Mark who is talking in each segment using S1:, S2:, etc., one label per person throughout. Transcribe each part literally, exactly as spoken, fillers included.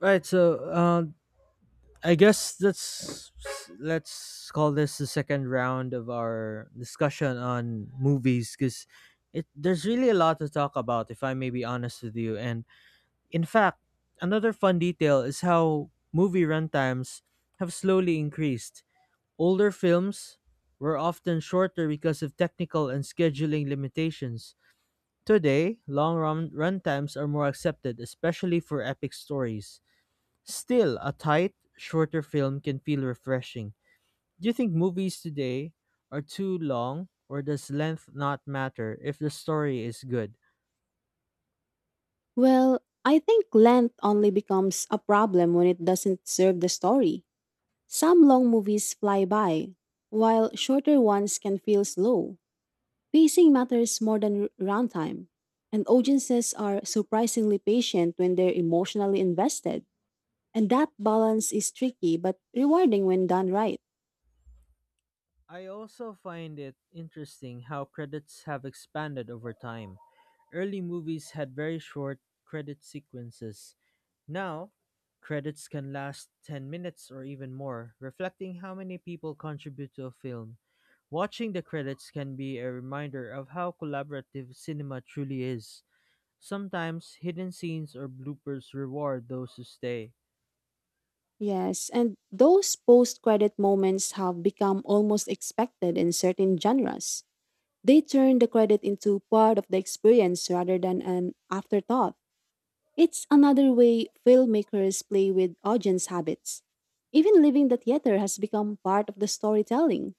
S1: Right. So, uh, I guess let's let's call this the second round of our discussion on movies because it there's really a lot to talk about, if I may be honest with you. And in fact, another fun detail is how movie runtimes have slowly increased. Older films were often shorter because of technical and scheduling limitations. Today, long run runtimes are more accepted, especially for epic stories. Still, a tight, shorter film can feel refreshing. Do you think movies today are too long, or does length not matter if the story is good?
S2: Well, I think length only becomes a problem when it doesn't serve the story. Some long movies fly by, while shorter ones can feel slow. Pacing matters more than r- runtime, and audiences are surprisingly patient when they're emotionally invested. And that balance is tricky but rewarding when done right.
S1: I also find it interesting how credits have expanded over time. Early movies had very short credit sequences. Now, credits can last ten minutes or even more, reflecting how many people contribute to a film. Watching the credits can be a reminder of how collaborative cinema truly is. Sometimes hidden scenes or bloopers reward those who stay.
S2: Yes, and those post credit moments have become almost expected in certain genres. They turn the credit into part of the experience rather than an afterthought. It's another way filmmakers play with audience habits. Even leaving the theater has become part of the storytelling.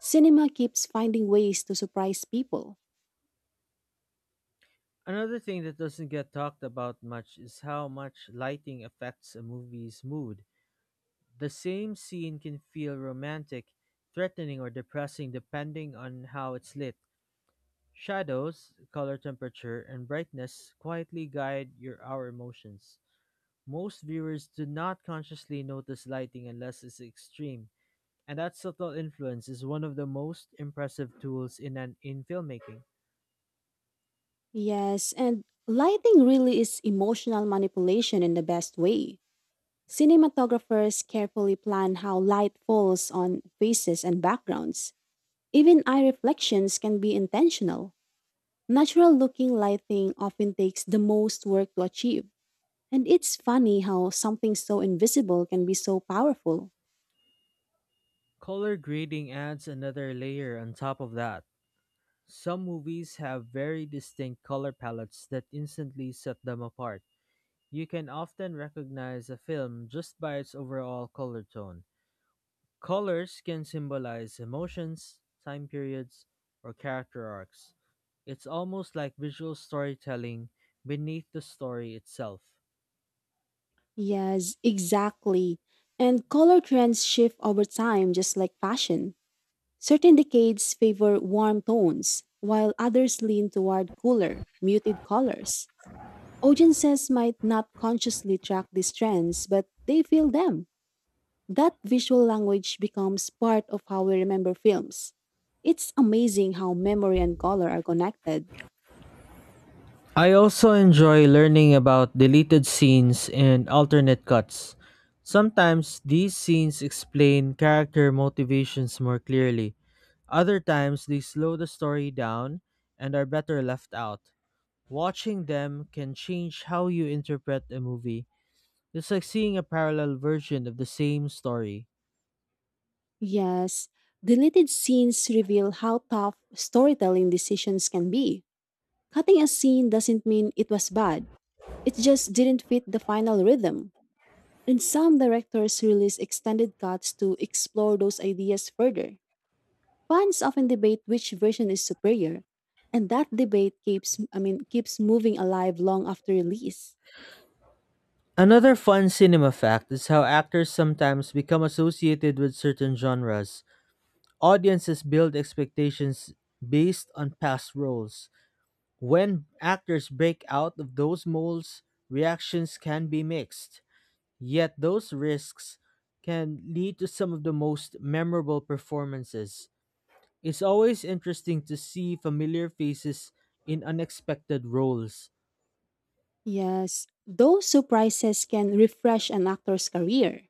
S2: Cinema keeps finding ways to surprise people.
S1: Another thing that doesn't get talked about much is how much lighting affects a movie's mood. The same scene can feel romantic, threatening or depressing depending on how it's lit. Shadows, color temperature, and brightness quietly guide your our emotions. Most viewers do not consciously notice lighting unless it's extreme, and that subtle influence is one of the most impressive tools in an in filmmaking.
S2: Yes, and lighting really is emotional manipulation in the best way. Cinematographers carefully plan how light falls on faces and backgrounds. Even eye reflections can be intentional. Natural looking lighting often takes the most work to achieve, and it's funny how something so invisible can be so powerful.
S1: Color grading adds another layer on top of that. Some movies have very distinct color palettes that instantly set them apart. You can often recognize a film just by its overall color tone. Colors can symbolize emotions, time periods, or character arcs. It's almost like visual storytelling beneath the story itself.
S2: Yes, exactly. And color trends shift over time just like fashion. Certain decades favor warm tones, while others lean toward cooler, muted colors. Audiences might not consciously track these trends, but they feel them. That visual language becomes part of how we remember films. It's amazing how memory and color are connected.
S1: I also enjoy learning about deleted scenes and alternate cuts. Sometimes these scenes explain character motivations more clearly. Other times they slow the story down and are better left out. Watching them can change how you interpret a movie. It's like seeing a parallel version of the same story.
S2: Yes, deleted scenes reveal how tough storytelling decisions can be. Cutting a scene doesn't mean it was bad, it just didn't fit the final rhythm. And some directors release extended cuts to explore those ideas further. Fans often debate which version is superior, and that debate keeps I mean keeps moving alive long after release.
S1: Another fun cinema fact is how actors sometimes become associated with certain genres. Audiences build expectations based on past roles. When actors break out of those molds, reactions can be mixed. Yet those risks can lead to some of the most memorable performances. It's always interesting to see familiar faces in unexpected roles.
S2: Yes, those surprises can refresh an actor's career.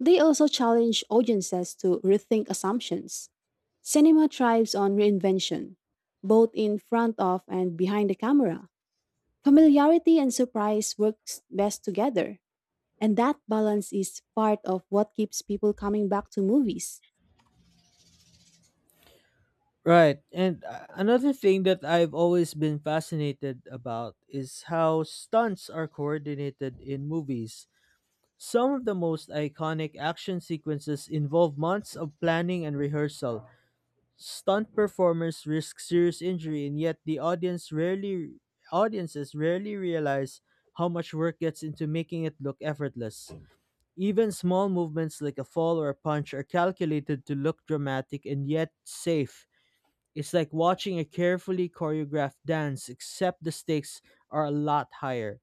S2: They also challenge audiences to rethink assumptions. Cinema thrives on reinvention, both in front of and behind the camera. Familiarity and surprise works best together, and that balance is part of what keeps people coming back to movies.
S1: Right. And uh, Another thing that I've always been fascinated about is how stunts are coordinated in movies. Some of the most iconic action sequences involve months of planning and rehearsal. Stunt performers risk serious injury, and yet the audience rarely audiences rarely realize how much work gets into making it look effortless. Even small movements like a fall or a punch are calculated to look dramatic and yet safe. It's like watching a carefully choreographed dance, except the stakes are a lot higher.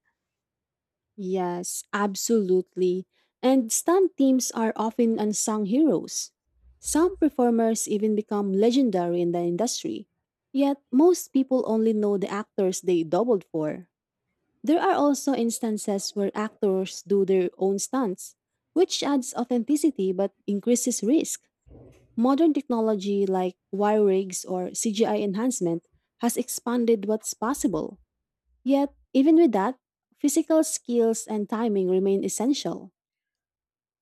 S2: Yes, absolutely. And stunt teams are often unsung heroes. Some performers even become legendary in the industry. Yet, most people only know the actors they doubled for. There are also instances where actors do their own stunts, which adds authenticity but increases risk. Modern technology like wire rigs or C G I enhancement has expanded what's possible. Yet, even with that, physical skills and timing remain essential.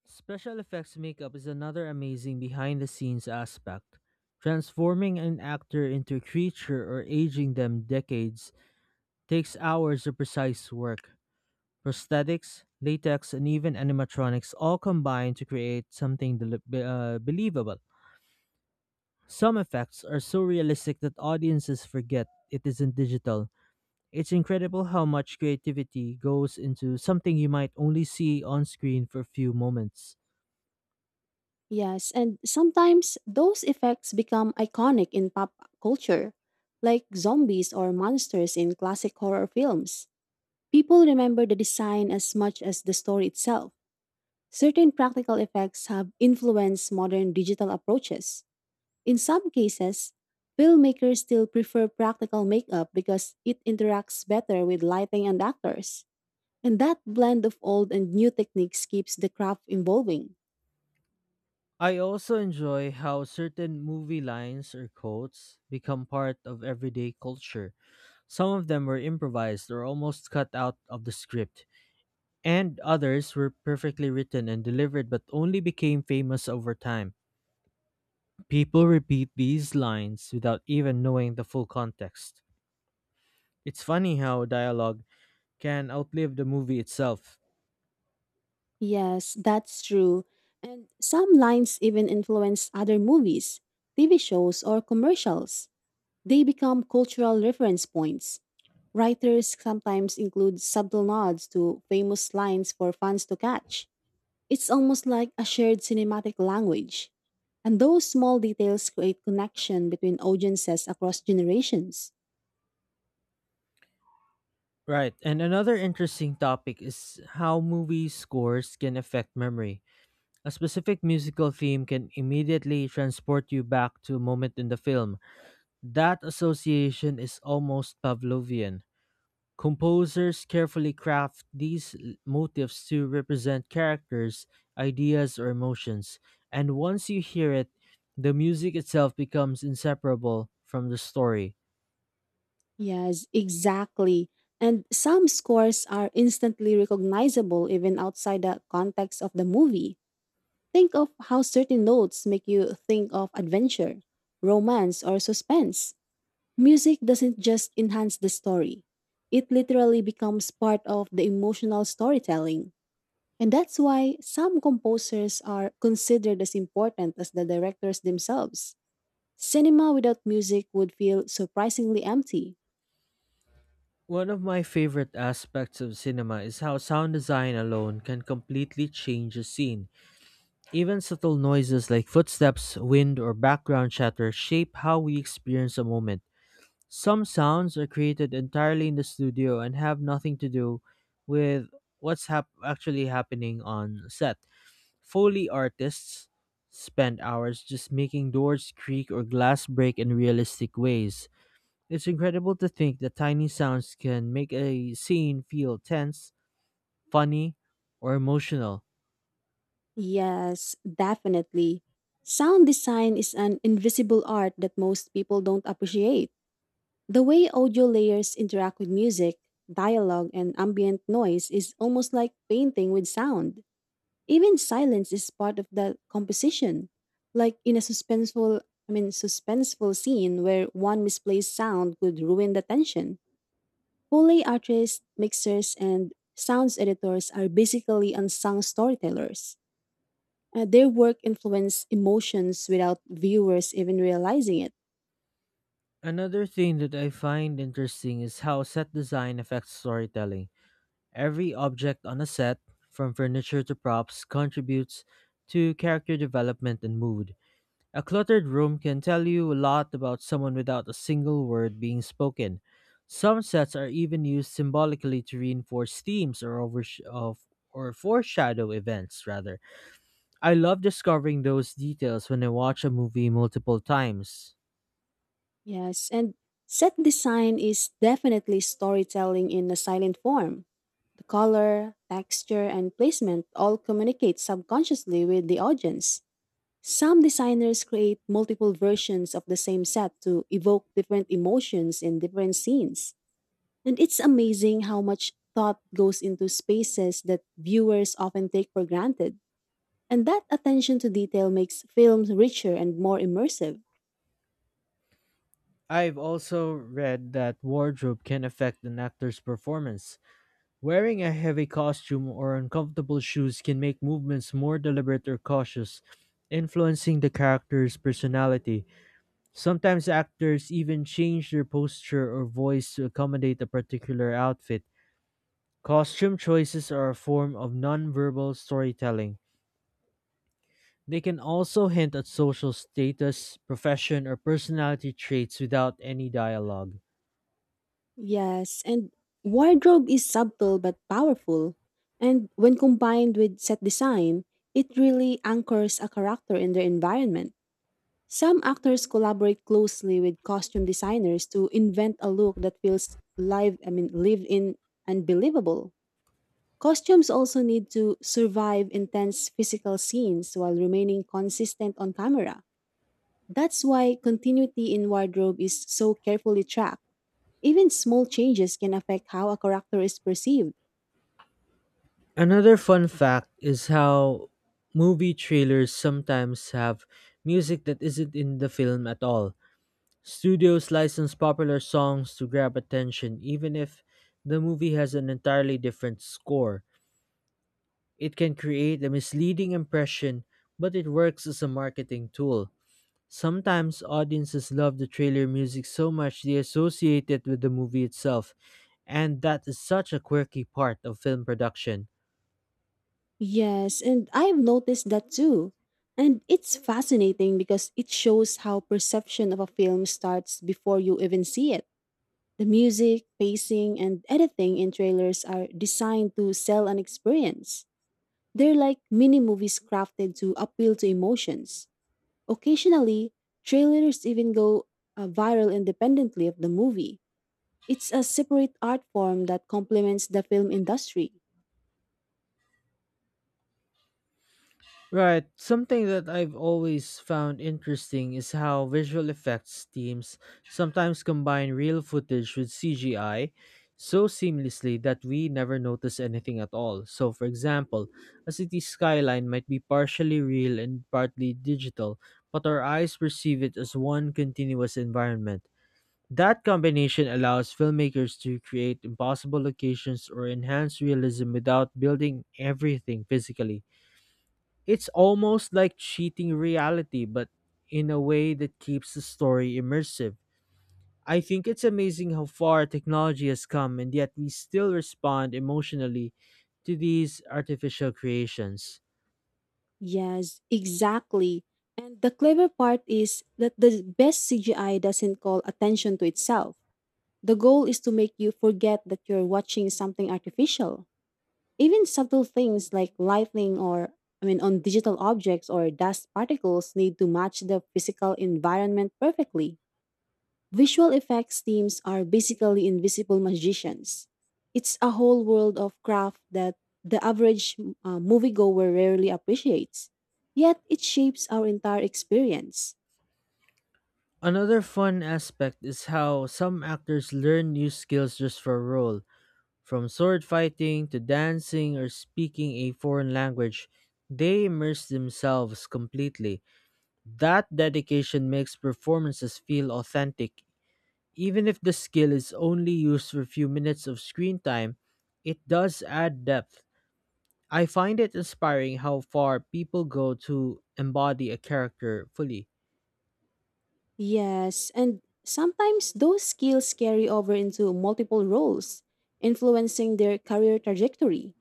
S1: Special effects makeup is another amazing behind the scenes aspect. Transforming an actor into a creature or aging them decades takes hours of precise work. Prosthetics, latex, and even animatronics all combine to create something deli- be- uh, believable. Some effects are so realistic that audiences forget it isn't digital. It's incredible how much creativity goes into something you might only see on screen for a few moments.
S2: Yes, and sometimes those effects become iconic in pop culture, like zombies or monsters in classic horror films. People remember the design as much as the story itself. Certain practical effects have influenced modern digital approaches. In some cases, filmmakers still prefer practical makeup because it interacts better with lighting and actors. And that blend of old and new techniques keeps the craft evolving.
S1: I also enjoy how certain movie lines or quotes become part of everyday culture. Some of them were improvised or almost cut out of the script, and others were perfectly written and delivered but only became famous over time. People repeat these lines without even knowing the full context. It's funny how dialogue can outlive the movie itself.
S2: Yes, that's true. And some lines even influence other movies, T V shows, or commercials. They become cultural reference points. Writers sometimes include subtle nods to famous lines for fans to catch. It's almost like a shared cinematic language. And those small details create connection between audiences across generations.
S1: Right, and another interesting topic is how movie scores can affect memory. A specific musical theme can immediately transport you back to a moment in the film. That association is almost Pavlovian. Composers carefully craft these l- motifs to represent characters, ideas, or emotions, and once you hear it, the music itself becomes inseparable from the story.
S2: Yes, exactly. And some scores are instantly recognizable even outside the context of the movie. Think of how certain notes make you think of adventure, romance, or suspense. Music doesn't just enhance the story, it literally becomes part of the emotional storytelling. And that's why some composers are considered as important as the directors themselves. Cinema without music would feel surprisingly empty.
S1: One of my favorite aspects of cinema is how sound design alone can completely change a scene. Even subtle noises like footsteps, wind, or background chatter shape how we experience a moment. Some sounds are created entirely in the studio and have nothing to do with what's hap- actually happening on set. Foley artists spend hours just making doors creak or glass break in realistic ways. It's incredible to think that tiny sounds can make a scene feel tense, funny, or emotional.
S2: Yes, definitely. Sound design is an invisible art that most people don't appreciate. The way audio layers interact with music, dialogue, and ambient noise is almost like painting with sound. Even silence is part of the composition. Like in a suspenseful, I mean, suspenseful scene where one misplaced sound could ruin the tension. Foley artists, mixers, and sounds editors are basically unsung storytellers. Uh, their work influenced emotions without viewers even realizing it.
S1: Another thing that I find interesting is how set design affects storytelling. Every object on a set, from furniture to props, contributes to character development and mood. A cluttered room can tell you a lot about someone without a single word being spoken. Some sets are even used symbolically to reinforce themes or, oversh- of, or foreshadow events, rather. I love discovering those details when I watch a movie multiple times.
S2: Yes, and set design is definitely storytelling in a silent form. The color, texture, and placement all communicate subconsciously with the audience. Some designers create multiple versions of the same set to evoke different emotions in different scenes. And it's amazing how much thought goes into spaces that viewers often take for granted. And that attention to detail makes films richer and more immersive.
S1: I've also read that wardrobe can affect an actor's performance. Wearing a heavy costume or uncomfortable shoes can make movements more deliberate or cautious, influencing the character's personality. Sometimes actors even change their posture or voice to accommodate a particular outfit. Costume choices are a form of nonverbal storytelling. They can also hint at social status, profession, or personality traits without any dialogue.
S2: Yes, and wardrobe is subtle but powerful. And when combined with set design, it really anchors a character in their environment. Some actors collaborate closely with costume designers to invent a look that feels live, I mean, lived in and believable. Costumes also need to survive intense physical scenes while remaining consistent on camera. That's why continuity in wardrobe is so carefully tracked. Even small changes can affect how a character is perceived.
S1: Another fun fact is how movie trailers sometimes have music that isn't in the film at all. Studios license popular songs to grab attention, even if the movie has an entirely different score. It can create a misleading impression, but it works as a marketing tool. Sometimes audiences love the trailer music so much they associate it with the movie itself, and that is such a quirky part of film production.
S2: Yes, and I've noticed that too. And it's fascinating because it shows how perception of a film starts before you even see it. The music, pacing, and editing in trailers are designed to sell an experience. They're like mini movies crafted to appeal to emotions. Occasionally, trailers even go uh, viral independently of the movie. It's a separate art form that complements the film industry.
S1: Right, something that I've always found interesting is how visual effects teams sometimes combine real footage with C G I so seamlessly that we never notice anything at all. So, for example, a city's skyline might be partially real and partly digital, but our eyes perceive it as one continuous environment. That combination allows filmmakers to create impossible locations or enhance realism without building everything physically. It's almost like cheating reality, but in a way that keeps the story immersive. I think it's amazing how far technology has come, and yet we still respond emotionally to these artificial creations.
S2: Yes, exactly. And the clever part is that the best C G I doesn't call attention to itself. The goal is to make you forget that you're watching something artificial. Even subtle things like lightning or, I mean, on digital objects or dust particles need to match the physical environment perfectly. Visual effects teams are basically invisible magicians. It's a whole world of craft that the average uh, moviegoer rarely appreciates. Yet it shapes our entire experience.
S1: Another fun aspect is how some actors learn new skills just for a role. From sword fighting to dancing or speaking a foreign language, they immerse themselves completely. That dedication makes performances feel authentic. Even if the skill is only used for a few minutes of screen time, it does add depth. I find it inspiring how far people go to embody a character fully.
S2: Yes, and sometimes those skills carry over into multiple roles, influencing their career trajectory.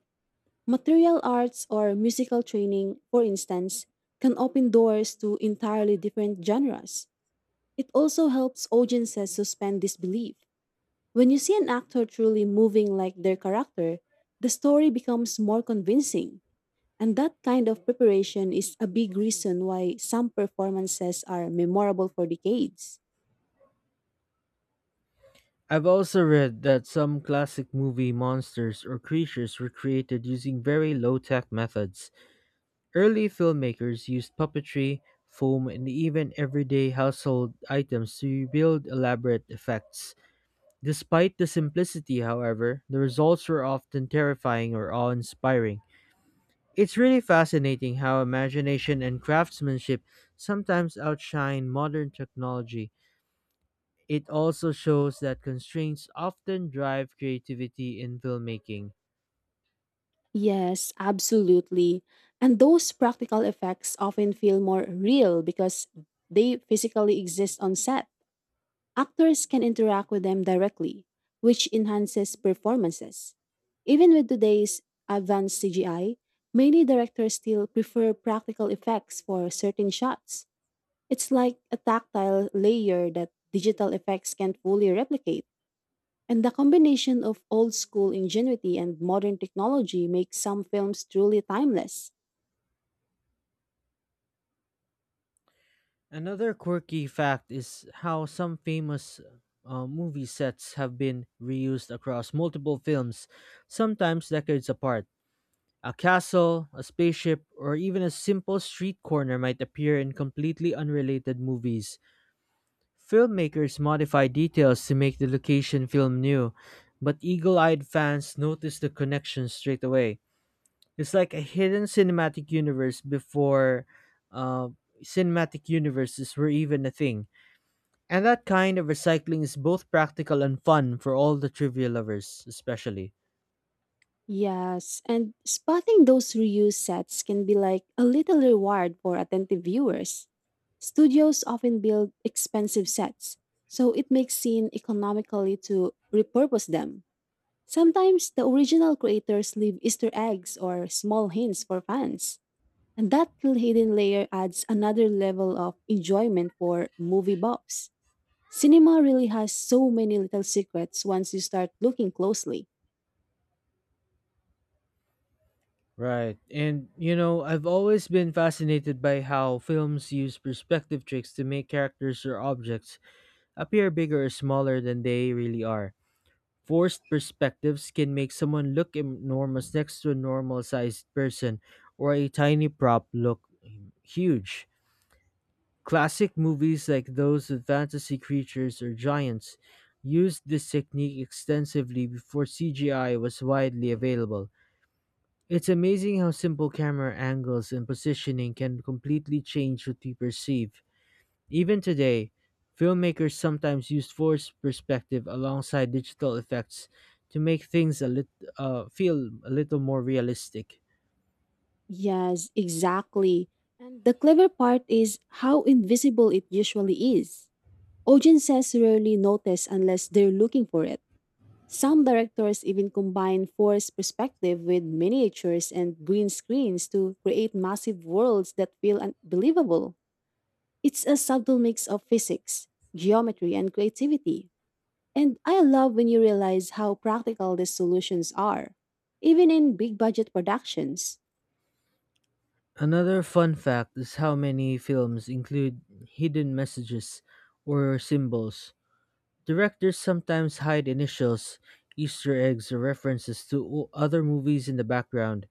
S2: Material arts or musical training, for instance, can open doors to entirely different genres. It also helps audiences suspend disbelief. When you see an actor truly moving like their character, the story becomes more convincing. And that kind of preparation is a big reason why some performances are memorable for decades.
S1: I've also read that some classic movie monsters or creatures were created using very low tech methods. Early filmmakers used puppetry, foam, and even everyday household items to build elaborate effects. Despite the simplicity, however, the results were often terrifying or awe inspiring. It's really fascinating how imagination and craftsmanship sometimes outshine modern technology. It also shows that constraints often drive creativity in filmmaking.
S2: Yes, absolutely. And those practical effects often feel more real because they physically exist on set. Actors can interact with them directly, which enhances performances. Even with today's advanced C G I, many directors still prefer practical effects for certain shots. It's like a tactile layer that digital effects can't fully replicate. And the combination of old school ingenuity and modern technology makes some films truly timeless.
S1: Another quirky fact is how some famous uh, movie sets have been reused across multiple films, sometimes decades apart. A castle, a spaceship, or even a simple street corner might appear in completely unrelated movies. Filmmakers modify details to make the location feel new, but eagle eyed fans notice the connection straight away. It's like a hidden cinematic universe before uh, cinematic universes were even a thing. And that kind of recycling is both practical and fun for all the trivia lovers, especially.
S2: Yes, and spotting those reused sets can be like a little reward for attentive viewers. Studios often build expensive sets, so it makes sense economically to repurpose them. Sometimes the original creators leave Easter eggs or small hints for fans, and that little hidden layer adds another level of enjoyment for movie buffs. Cinema really has so many little secrets once you start looking closely.
S1: Right. And, you know, I've always been fascinated by how films use perspective tricks to make characters or objects appear bigger or smaller than they really are. Forced perspectives can make someone look enormous next to a normal sized person, or a tiny prop look um, huge. Classic movies like those with fantasy creatures or giants used this technique extensively before C G I was widely available. It's amazing how simple camera angles and positioning can completely change what we perceive. Even today, filmmakers sometimes use forced perspective alongside digital effects to make things a lit- uh, feel a little more realistic.
S2: Yes, exactly. And the clever part is how invisible it usually is. Audiences rarely notice unless they're looking for it. Some directors even combine forced perspective with miniatures and green screens to create massive worlds that feel unbelievable. It's a subtle mix of physics, geometry, and creativity. And I love when you realize how practical these solutions are, even in big budget productions.
S1: Another fun fact is how many films include hidden messages or symbols. Directors sometimes hide initials, Easter eggs, or references to o- other movies in the background.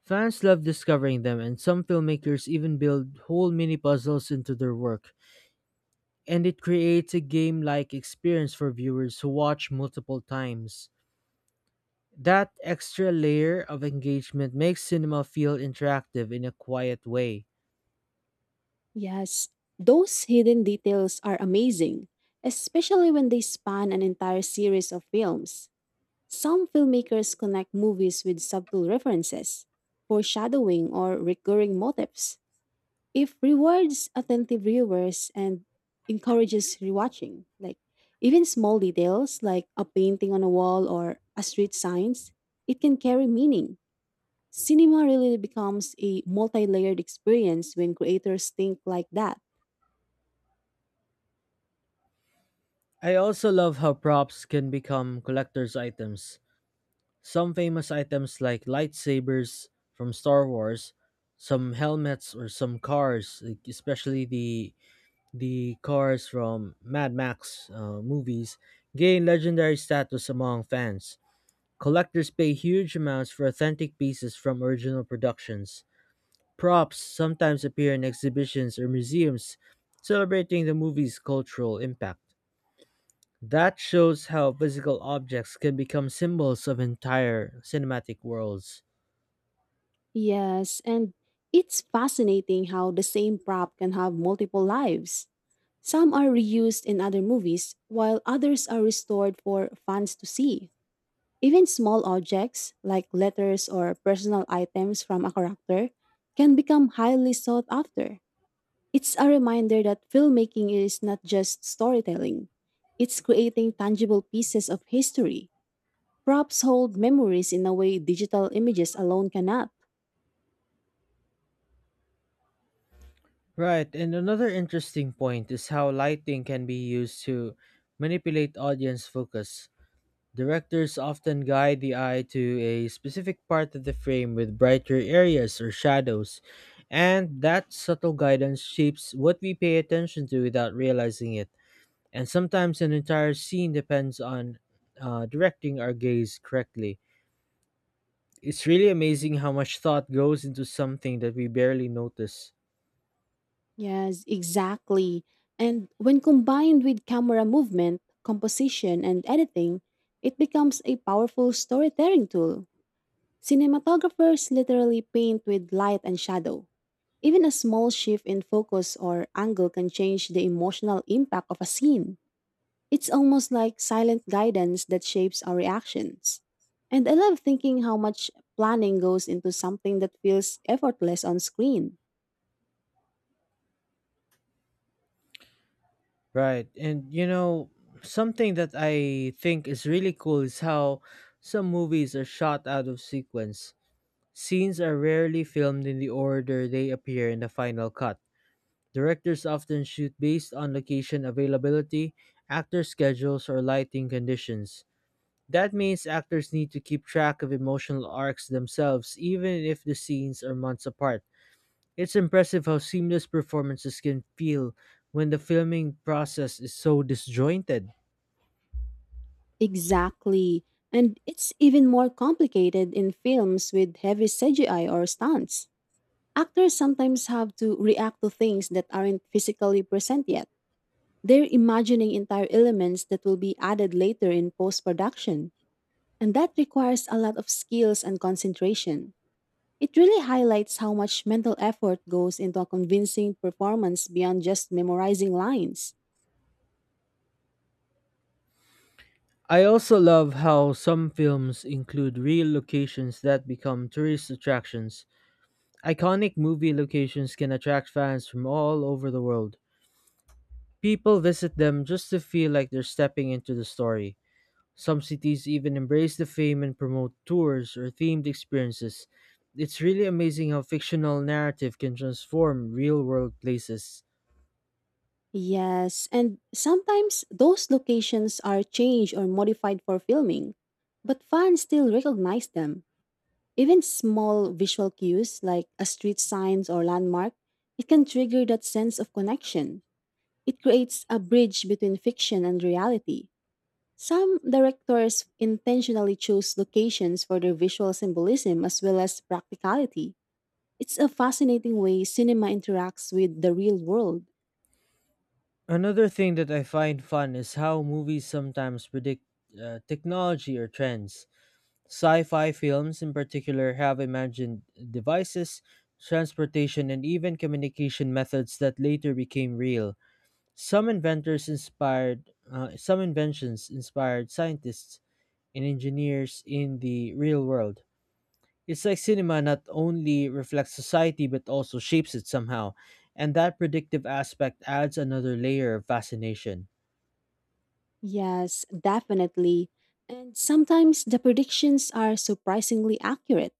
S1: Fans love discovering them, and some filmmakers even build whole mini puzzles into their work. And it creates a game like experience for viewers who watch multiple times. That extra layer of engagement makes cinema feel interactive in a quiet way.
S2: Yes, those hidden details are amazing, especially when they span an entire series of films. Some filmmakers connect movies with subtle references, foreshadowing, or recurring motifs. If rewards attentive viewers and encourages rewatching, like even small details like a painting on a wall or a street signs, it can carry meaning. Cinema really becomes a multi-layered experience when creators think like that.
S1: I also love how props can become collector's items. Some famous items like lightsabers from Star Wars, some helmets or some cars, like especially the the cars from Mad Max uh, movies, gain legendary status among fans. Collectors pay huge amounts for authentic pieces from original productions. Props sometimes appear in exhibitions or museums celebrating the movie's cultural impact. That shows how physical objects can become symbols of entire cinematic worlds.
S2: Yes, and it's fascinating how the same prop can have multiple lives. Some are reused in other movies, while others are restored for fans to see. Even small objects, like letters or personal items from a character, can become highly sought after. It's a reminder that filmmaking is not just storytelling, it's creating tangible pieces of history. Props hold memories in a way digital images alone cannot.
S1: Right, and another interesting point is how lighting can be used to manipulate audience focus. Directors often guide the eye to a specific part of the frame with brighter areas or shadows, and that subtle guidance shapes what we pay attention to without realizing it. And sometimes an entire scene depends on uh, directing our gaze correctly. It's really amazing how much thought goes into something that we barely notice.
S2: Yes, exactly. And when combined with camera movement, composition, and editing, it becomes a powerful storytelling tool. Cinematographers literally paint with light and shadow. Even a small shift in focus or angle can change the emotional impact of a scene. It's almost like silent guidance that shapes our reactions. And I love thinking how much planning goes into something that feels effortless on screen.
S1: Right. And you know, something that I think is really cool is how some movies are shot out of sequence. Scenes are rarely filmed in the order they appear in the final cut. Directors often shoot based on location availability, actor schedules, or lighting conditions. That means actors need to keep track of emotional arcs themselves, even if the scenes are months apart. It's impressive how seamless performances can feel when the filming process is so disjointed.
S2: Exactly. And it's even more complicated in films with heavy C G I or stunts. Actors sometimes have to react to things that aren't physically present yet. They're imagining entire elements that will be added later in post production. And that requires a lot of skills and concentration. It really highlights how much mental effort goes into a convincing performance beyond just memorizing lines.
S1: I also love how some films include real locations that become tourist attractions. Iconic movie locations can attract fans from all over the world. People visit them just to feel like they're stepping into the story. Some cities even embrace the fame and promote tours or themed experiences. It's really amazing how fictional narrative can transform real world places.
S2: Yes, and sometimes those locations are changed or modified for filming, but fans still recognize them. Even small visual cues like a street signs or landmark, it can trigger that sense of connection. It creates a bridge between fiction and reality. Some directors intentionally choose locations for their visual symbolism as well as practicality. It's a fascinating way cinema interacts with the real world.
S1: Another thing that I find fun is how movies sometimes predict uh, technology or trends. Sci fi films, in particular, have imagined devices, transportation, and even communication methods that later became real. Some inventors inspired, uh, some inventions inspired scientists and engineers in the real world. It's like cinema not only reflects society but also shapes it somehow, and that predictive aspect adds another layer of fascination.
S2: Yes, definitely. And sometimes the predictions are surprisingly accurate,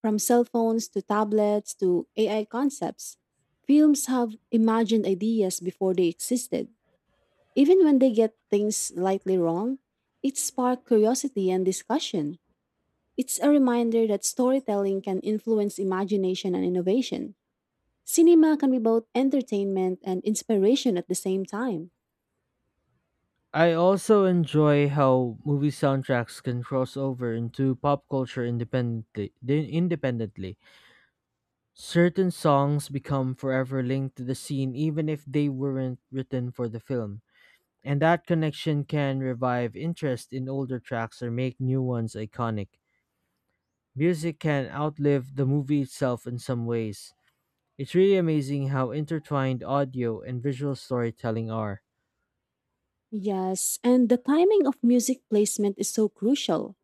S2: from cell phones to tablets to A I concepts. Films have imagined ideas before they existed. Even when they get things slightly wrong, it sparks curiosity and discussion. It's a reminder that storytelling can influence imagination and innovation. Cinema can be both entertainment and inspiration at the same time.
S1: I also enjoy how movie soundtracks can cross over into pop culture independently. they- Independently, certain songs become forever linked to the scene even if they weren't written for the film, and that connection can revive interest in older tracks or make new ones iconic. Music can outlive the movie itself in some ways. It's really amazing how intertwined audio and visual storytelling are.
S2: Yes, and the timing of music placement is so crucial.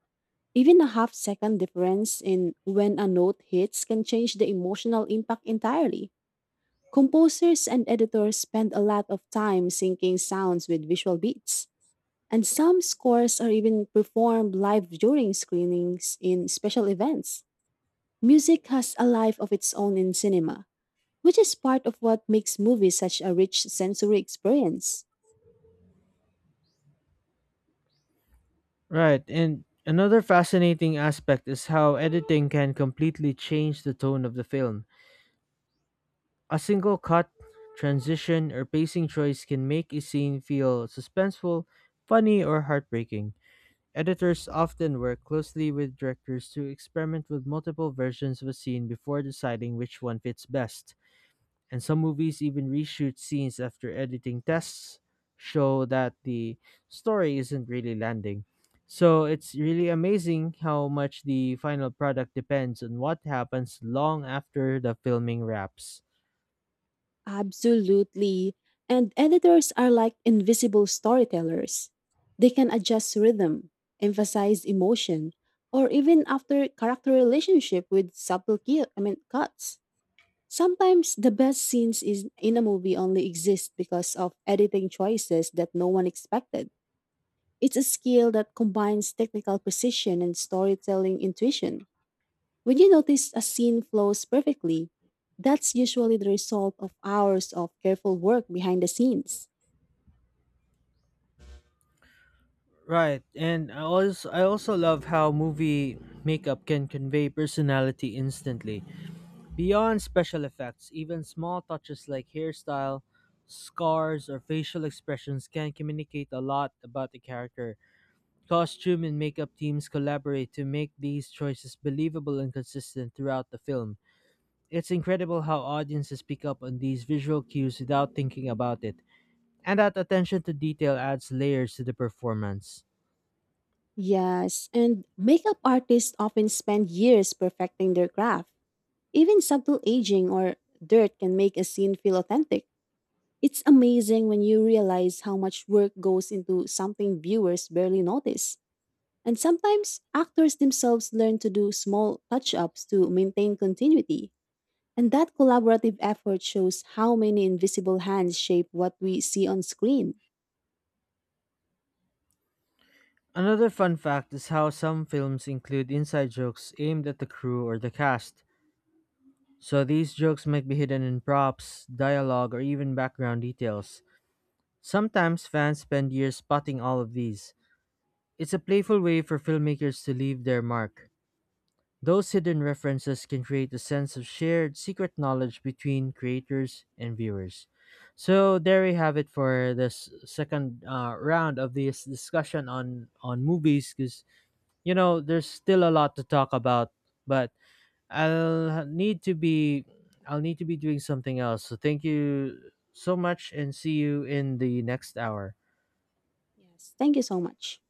S2: Even a half second difference in when a note hits can change the emotional impact entirely. Composers and editors spend a lot of time syncing sounds with visual beats, and some scores are even performed live during screenings in special events. Music has a life of its own in cinema, which is part of what makes movies such a rich sensory experience.
S1: Right, and another fascinating aspect is how editing can completely change the tone of the film. A single cut, transition, or pacing choice can make a scene feel suspenseful, funny, or heartbreaking. Editors often work closely with directors to experiment with multiple versions of a scene before deciding which one fits best, and some movies even reshoot scenes after editing tests show that the story isn't really landing. So it's really amazing how much the final product depends on what happens long after the filming wraps.
S2: Absolutely. And editors are like invisible storytellers. They can adjust rhythm, emphasize emotion, or even after character relationship with subtle ki- I mean cuts. Sometimes the best scenes is in a movie only exist because of editing choices that no one expected. It's a skill that combines technical precision and storytelling intuition. When you notice a scene flows perfectly, that's usually the result of hours of careful work behind the scenes.
S1: Right, and I also I also love how movie makeup can convey personality instantly. Beyond special effects, even small touches like hairstyle, scars, or facial expressions can communicate a lot about the character. Costume and makeup teams collaborate to make these choices believable and consistent throughout the film. It's incredible how audiences pick up on these visual cues without thinking about it, and that attention to detail adds layers to the performance.
S2: Yes, and makeup artists often spend years perfecting their craft. Even subtle aging or dirt can make a scene feel authentic. It's amazing when you realize how much work goes into something viewers barely notice. And sometimes actors themselves learn to do small touch ups to maintain continuity. And that collaborative effort shows how many invisible hands shape what we see on screen.
S1: Another fun fact is how some films include inside jokes aimed at the crew or the cast. So these jokes might be hidden in props, dialogue, or even background details. Sometimes fans spend years spotting all of these. It's a playful way for filmmakers to leave their mark. Those hidden references can create a sense of shared secret knowledge between creators and viewers. So there we have it for this second uh, round of this discussion on on movies because you know there's still a lot to talk about, but I'll need to be I'll need to be doing something else. So thank you so much and see you in the next hour.
S2: Yes, thank you so much.